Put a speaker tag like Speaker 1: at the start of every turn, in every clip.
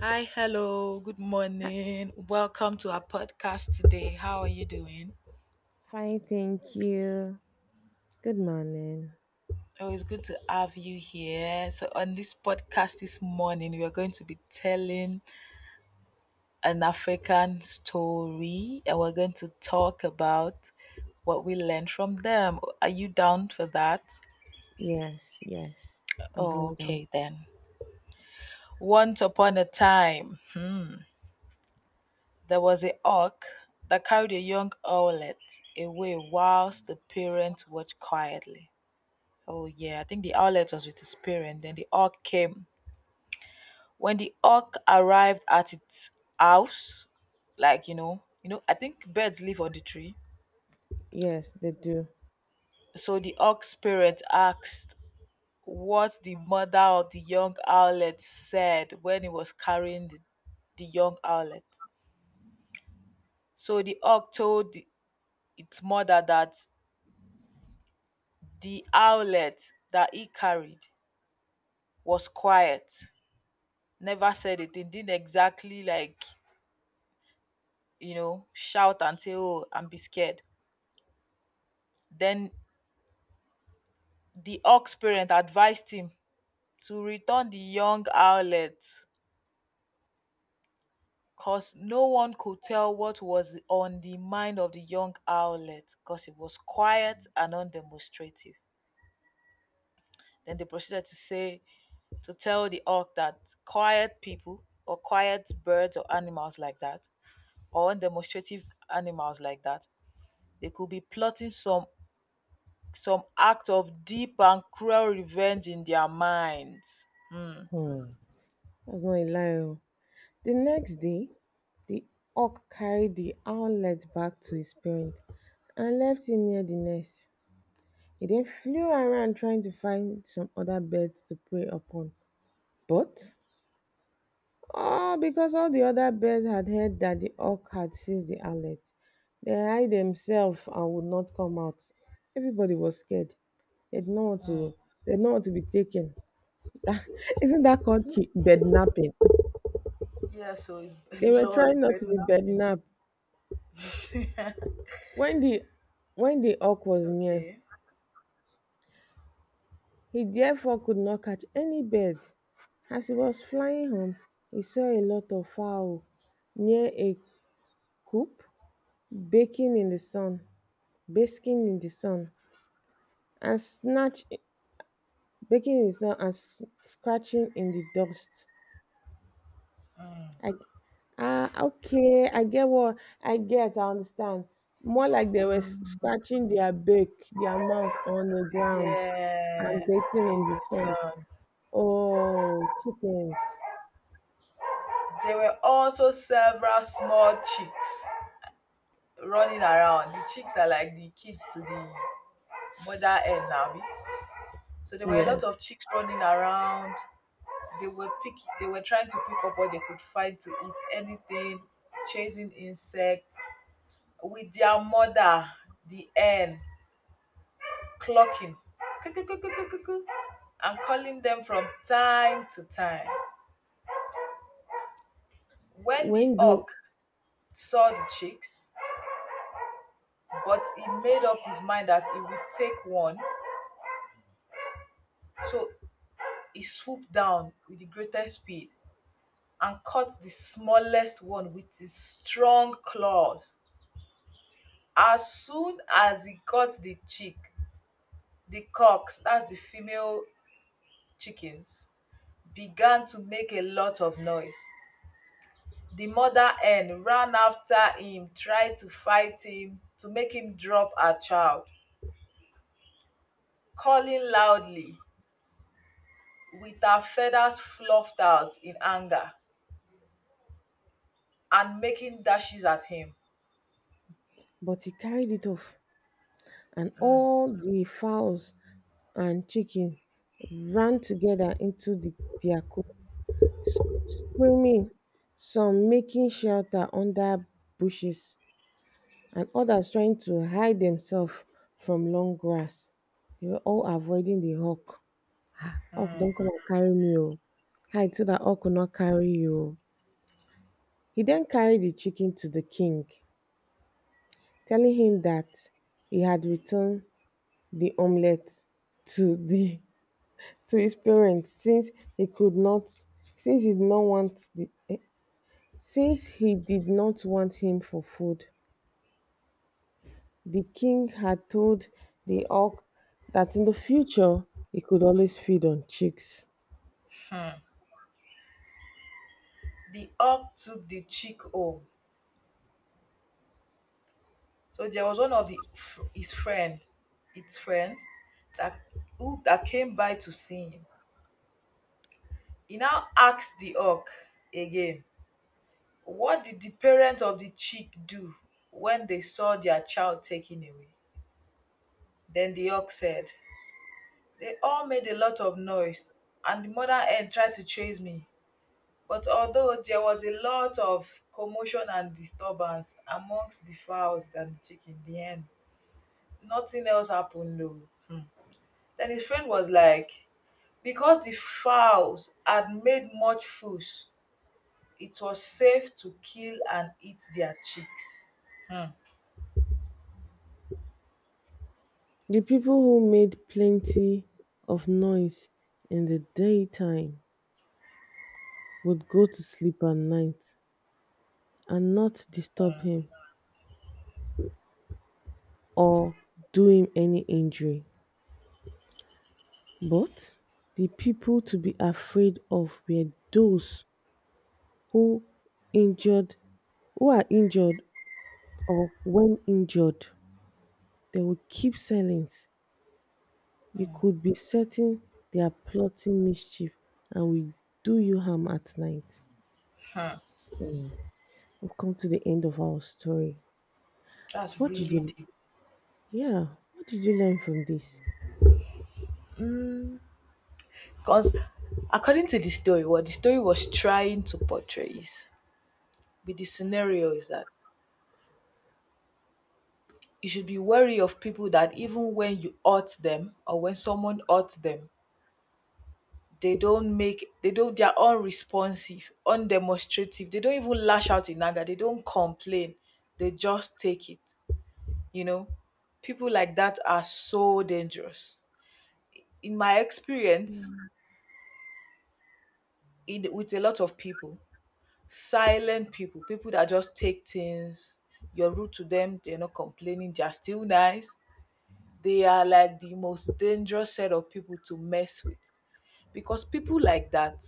Speaker 1: Hi, hello, good morning. Welcome to our podcast today. How are you doing?
Speaker 2: Fine, thank you. Good morning.
Speaker 1: Oh, it's good to have you here. So, on this podcast this morning, we are going to be telling an African story, and we're going to talk about what we learned from them. Are you down for that?
Speaker 2: Yes, yes. I'm
Speaker 1: Oh,
Speaker 2: very down.
Speaker 1: okay, then. Once upon a time, there was a hawk that carried a young owlet away whilst the parents watched quietly. Oh yeah, I think the outlet was with his parent. Then the orc came. When the orc arrived at its house, I think birds live on the tree.
Speaker 2: Yes, they do.
Speaker 1: So the orc's parent asked what the mother of the young owlet said when it was carrying the young owlet. So the orc told its mother that the owlet that he carried was quiet, never said a thing, didn't exactly shout and say, oh, and be scared. Then the ox parent advised him to return the young owlet because no one could tell what was on the mind of the young owlet because it was quiet and undemonstrative. Then they proceeded to say, to tell the ox that quiet people or quiet birds or animals like that, or undemonstrative animals like that, they could be plotting some act of deep and cruel revenge in their minds. Hmm.
Speaker 2: Hmm. That's not a lie, oh. The next day, the hawk carried the owlet back to his parent and left him near the nest. He then flew around trying to find some other birds to prey upon. But oh, because all the other birds had heard that the hawk had seized the owlet, they hid themselves and would not come out. Everybody was scared. They did not want to. They did not want to be taken. That, isn't that called bednapping?
Speaker 1: Yeah, so it's
Speaker 2: They were trying
Speaker 1: lol,
Speaker 2: not to
Speaker 1: but
Speaker 2: be
Speaker 1: nothing.
Speaker 2: bednapped. When the when the hawk was near,
Speaker 1: Okay.
Speaker 2: he therefore could not catch any bird. As he was flying home, he saw a lot of fowl near a coop, baking in the sun, basking in the sun. And snatch, baking is not as scratching in the dust. I ah okay, I get. I understand. More like they were scratching their back, their mouth on the ground, and
Speaker 1: Yeah,
Speaker 2: bathing
Speaker 1: in
Speaker 2: in the
Speaker 1: the
Speaker 2: sun.
Speaker 1: sun.
Speaker 2: Oh, chickens!
Speaker 1: There were also several small chicks running around. The chicks are like the kids to the mother hen now. So there were a lot
Speaker 2: Yes.
Speaker 1: of chicks running around. They were trying to pick up what they could find to eat, anything, chasing insects, with their mother, the hen, clucking "kukukukukuku" and calling them from time to time. When the
Speaker 2: When the
Speaker 1: hawk saw the chicks, but he made up his mind that he would take one, so he swooped down with the greatest speed and caught the smallest one with his strong claws. As soon as he got the chick, the cocks, that's the female chickens, began to make a lot of noise. The mother hen ran after him, tried to fight him to make him drop her child, calling loudly with her feathers fluffed out in anger and making dashes at him.
Speaker 2: But he carried it off, and all the fowls and chickens ran together into their coop, screaming, some making shelter under bushes and others trying to hide themselves from long grass. They were all avoiding the hawk. Hawk, don't come and carry me, oh. Hide so that hawk will not carry you, oh." He then carried the chicken to the king, telling him that he had returned the omelette to the to his parents since he could not, since he did not want the eh, since he did not want him for food. The king had told the auk that in the future he could always feed on chicks.
Speaker 1: Hmm. The hawk took the chick home. So there was one of the his friend its friend that who that came by to see him. He now asked the hawk again, what did the parent of the chick do when they saw their child taken away? Then the ox said, they all made a lot of noise, and the mother hen tried to chase me. But although there was a lot of commotion and disturbance amongst the fowls and the chicken, the hen, nothing else happened, no. Hmm. Then his friend was like, because the fowls had made much fuss, it was safe to kill and eat their chicks. Hmm.
Speaker 2: The people who made plenty of noise in the daytime would go to sleep at night and not disturb him or do him any injury. But the people to be afraid of were those who injured, who are injured, or when injured they will keep silence. You could be certain they are plotting mischief and will do you harm at night.
Speaker 1: Hmm.
Speaker 2: Hmm, we've come to the end of our story.
Speaker 1: That's
Speaker 2: What did
Speaker 1: really
Speaker 2: you
Speaker 1: deep.
Speaker 2: yeah, what did you learn from this?
Speaker 1: Because according to the story, what the story was trying to portray is be the scenario is that you should be wary of people that even when you hurt them or when someone hurts them, they don't make they don't they are unresponsive, undemonstrative. They don't even lash out in anger. They don't complain. They just take it. You know, people like that are so dangerous. In my experience, in with a lot of people, silent people, people that just take things, you're rude to them, they're not complaining, they're still nice. They are like the most dangerous set of people to mess with, because people like that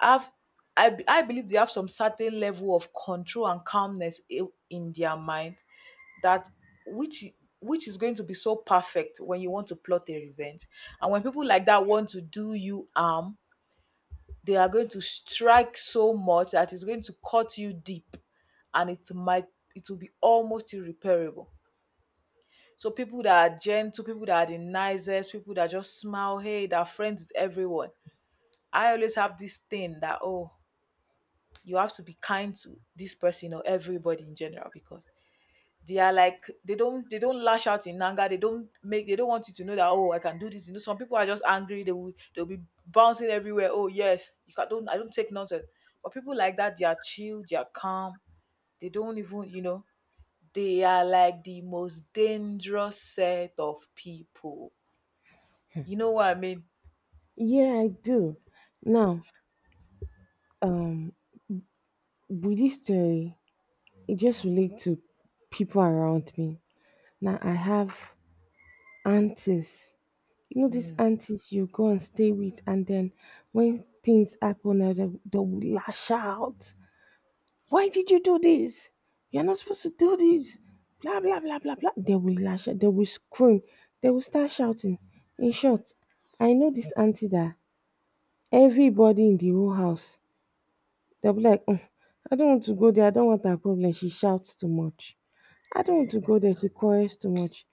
Speaker 1: have I believe they have some certain level of control and calmness in their mind that which which is going to be so perfect when you want to plot a revenge. And when people like that want to do you harm, they are going to strike so much that it's going to cut you deep, and it will be almost irreparable. So people that are gentle, people that are the nicest, people that just smile, hey, that are friends with everyone. I always have this thing that oh, you have to be kind to this person or everybody in general, because they are like they don't lash out in anger. They don't want you to know that oh, I can do this. You know, some people are just angry. They'll be bouncing everywhere. Oh yes, you can don't I don't take nonsense. But people like that, they are chill, they are calm. They don't even, you know, they are like the most dangerous set of people. You know what I mean?
Speaker 2: Yeah, I do. Now, with this story, it just relates to people around me. Now, I have aunties. You know, these
Speaker 1: Mm,
Speaker 2: aunties you go and stay with, and then when things happen, they will lash out. Why did you do this? You're not supposed to do this. Blah, blah, blah, blah, blah. They will lash out. They will scream. They will start shouting. In short, I know this auntie that everybody in the whole house, they'll be like, "Mm, I don't want to go there. I don't want that problem. She shouts too much. I don't want to go there. She quarrels too much.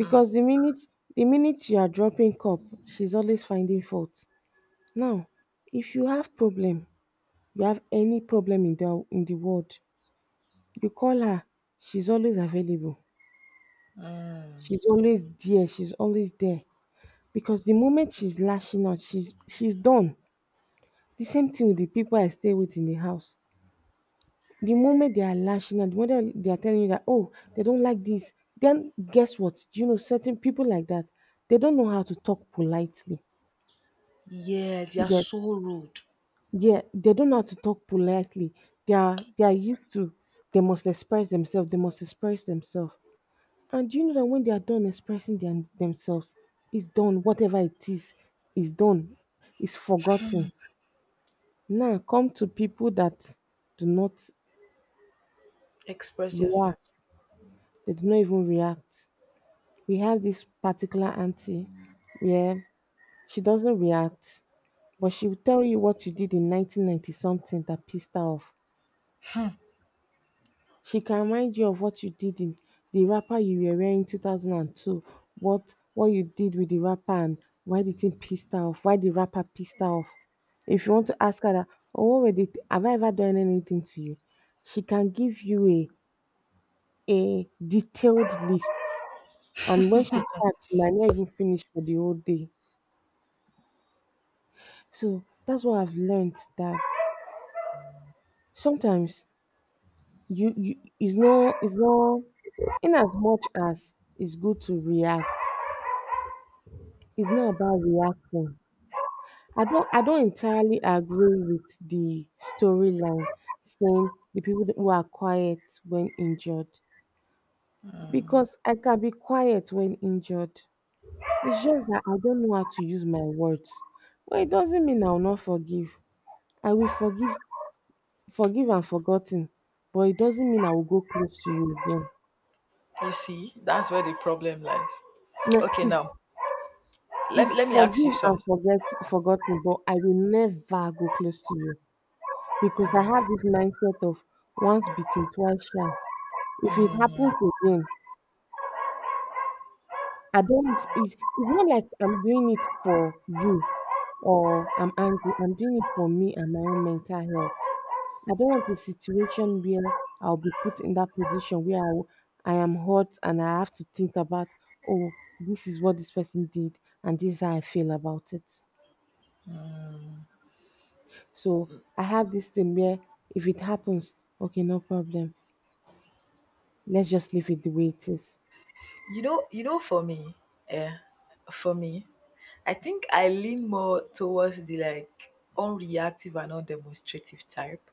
Speaker 1: mm,
Speaker 2: the minute you are dropping cup, she's always finding fault. Now, if you have problem, you have any problem in the world, you call her, she's always available.
Speaker 1: mm.
Speaker 2: She's always there, she's always there. Because the moment she's lashing out, she's done. The same thing with the people I stay with in the house. The moment they are lashing out, the moment they are telling you that, oh, they don't like this, then guess what? Do you know certain people like that? They don't know how to talk politely.
Speaker 1: Yeah, they
Speaker 2: You
Speaker 1: are
Speaker 2: get
Speaker 1: so rude.
Speaker 2: yeah, they don't know how to talk politely. They are used to, they must express themselves, they must express themselves. And do you know that when they are done expressing themselves, it's done, whatever it is done, is forgotten. Now come to people that do not
Speaker 1: Express yourself.
Speaker 2: react, they do not even react. We have this particular auntie where she doesn't react, but she will tell you what you did in 1990 something that pissed her off. She can remind you of what you did in the wrapper you were wearing in 2002, what you did with the wrapper and why the thing pissed her off, why the wrapper pissed her off. If you want to ask her that, "Oh, what were the th- have I ever done anything to you?" She can give you a detailed list, and when she starts, she might not even finish for the whole day. So that's what I've learned, that sometimes you, you it's not in as much as it's good to react, it's not about reacting. I don't entirely agree with the storyline saying the people who are quiet when injured, because I can be quiet when injured. It's just that I don't know how to use my words. But it doesn't mean I will not forgive. I will forgive, forgive and forgotten, but it doesn't mean I will go close to you again.
Speaker 1: You see, that's where the problem lies.
Speaker 2: Now
Speaker 1: Okay,
Speaker 2: it's
Speaker 1: now let me
Speaker 2: it's
Speaker 1: let me ask you
Speaker 2: forgive and
Speaker 1: something.
Speaker 2: forget forgotten, but I will never go close to you, because I have this mindset of once bitten, twice shy. If it happens again, I don't. It's not like I'm doing it for you or I'm angry. I'm doing it for me and my own mental health. I don't want a situation where I'll be put in that position where I, will- I am hurt and I have to think about, oh, this is what this person did and this is how I feel about it. So I have this thing where if it happens, okay, no problem. Let's just leave it the way it is.
Speaker 1: For me, yeah, for me, I think I lean more towards the like unreactive and undemonstrative type.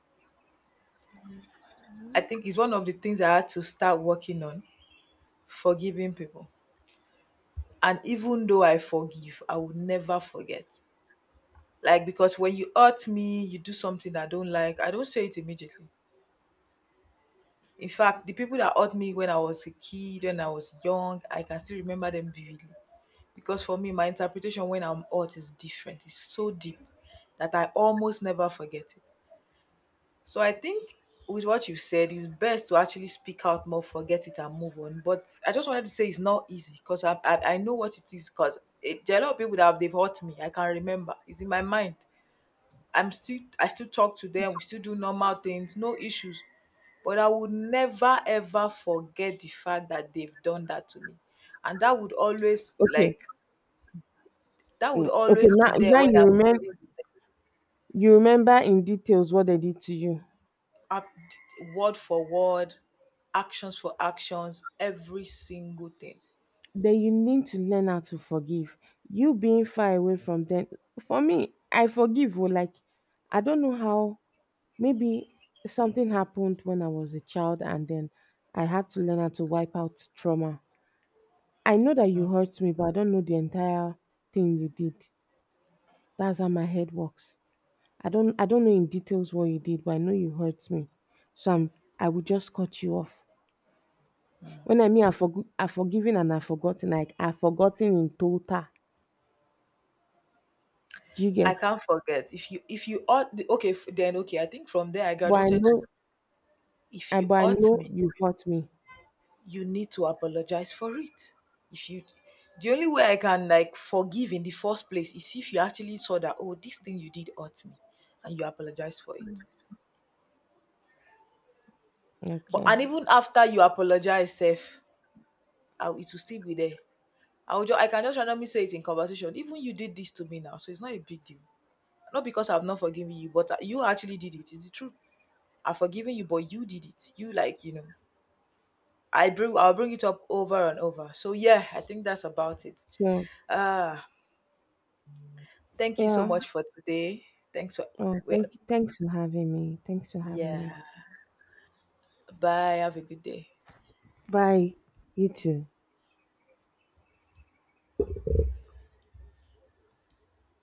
Speaker 1: I think it's one of the things I had to start working on, forgiving people. And even though I forgive, I will never forget. Like because when you hurt me, you do something I don't like, I don't say it immediately. In fact, the people that hurt me when I was a kid, when I was young, I can still remember them vividly. Because for me, my interpretation when I'm hurt is different. It's so deep that I almost never forget it. So I think with what you said, it's best to actually speak out more, forget it, and move on. But I just wanted to say it's not easy because I know what it is. Because there are a lot of people that have they've hurt me. I can remember. It's in my mind. I still talk to them, we still do normal things, no issues. But I would never ever forget the fact that they've done that to me. And that would always
Speaker 2: Okay.
Speaker 1: like that would
Speaker 2: Mm, okay.
Speaker 1: always
Speaker 2: Now,
Speaker 1: be there
Speaker 2: now
Speaker 1: when
Speaker 2: you
Speaker 1: I'm
Speaker 2: remember,
Speaker 1: dealing with them.
Speaker 2: you remember in details what they did to you.
Speaker 1: Up- word for word, actions for actions, every single thing.
Speaker 2: Then you need to learn how to forgive. You being far away from them. For me, I forgive, oh. Like I don't know how. Maybe something happened when I was a child, and then I had to learn how to wipe out trauma. I know that you hurt me, but I don't know the entire thing you did. That's how my head works. I don't know in details what you did, but I know you hurt me. So I'm, I will just cut you off. When I mean I've forg I've forgiven and I've forgotten, like, I've forgotten in total. Do you
Speaker 1: I
Speaker 2: get?
Speaker 1: can't forget. If you ought okay f- then okay, I think from there I
Speaker 2: But I
Speaker 1: graduated
Speaker 2: know,
Speaker 1: to if
Speaker 2: I
Speaker 1: you
Speaker 2: but I
Speaker 1: ought
Speaker 2: know
Speaker 1: me,
Speaker 2: you've hurt me.
Speaker 1: you need to apologize for it. If you The only way I can like forgive in the first place is if you actually saw that oh, this thing you did hurt me, and you apologize for it. But
Speaker 2: Okay.
Speaker 1: and even after you apologize, self, I, it will still be there. I can just randomly say it in conversation. Even you did this to me now, so it's not a big deal. Not because I've not forgiven you, but you actually did it. It's the truth. I've forgiven you, but you did it. You like you know. I'll bring it up over and over. So yeah, I think that's about it.
Speaker 2: So,
Speaker 1: Ah, thank you so
Speaker 2: yeah.
Speaker 1: much for today. Thanks for,
Speaker 2: Oh,
Speaker 1: well,
Speaker 2: thanks for having me. Thanks for having me.
Speaker 1: yeah. Bye. Have a good day.
Speaker 2: Bye. You too.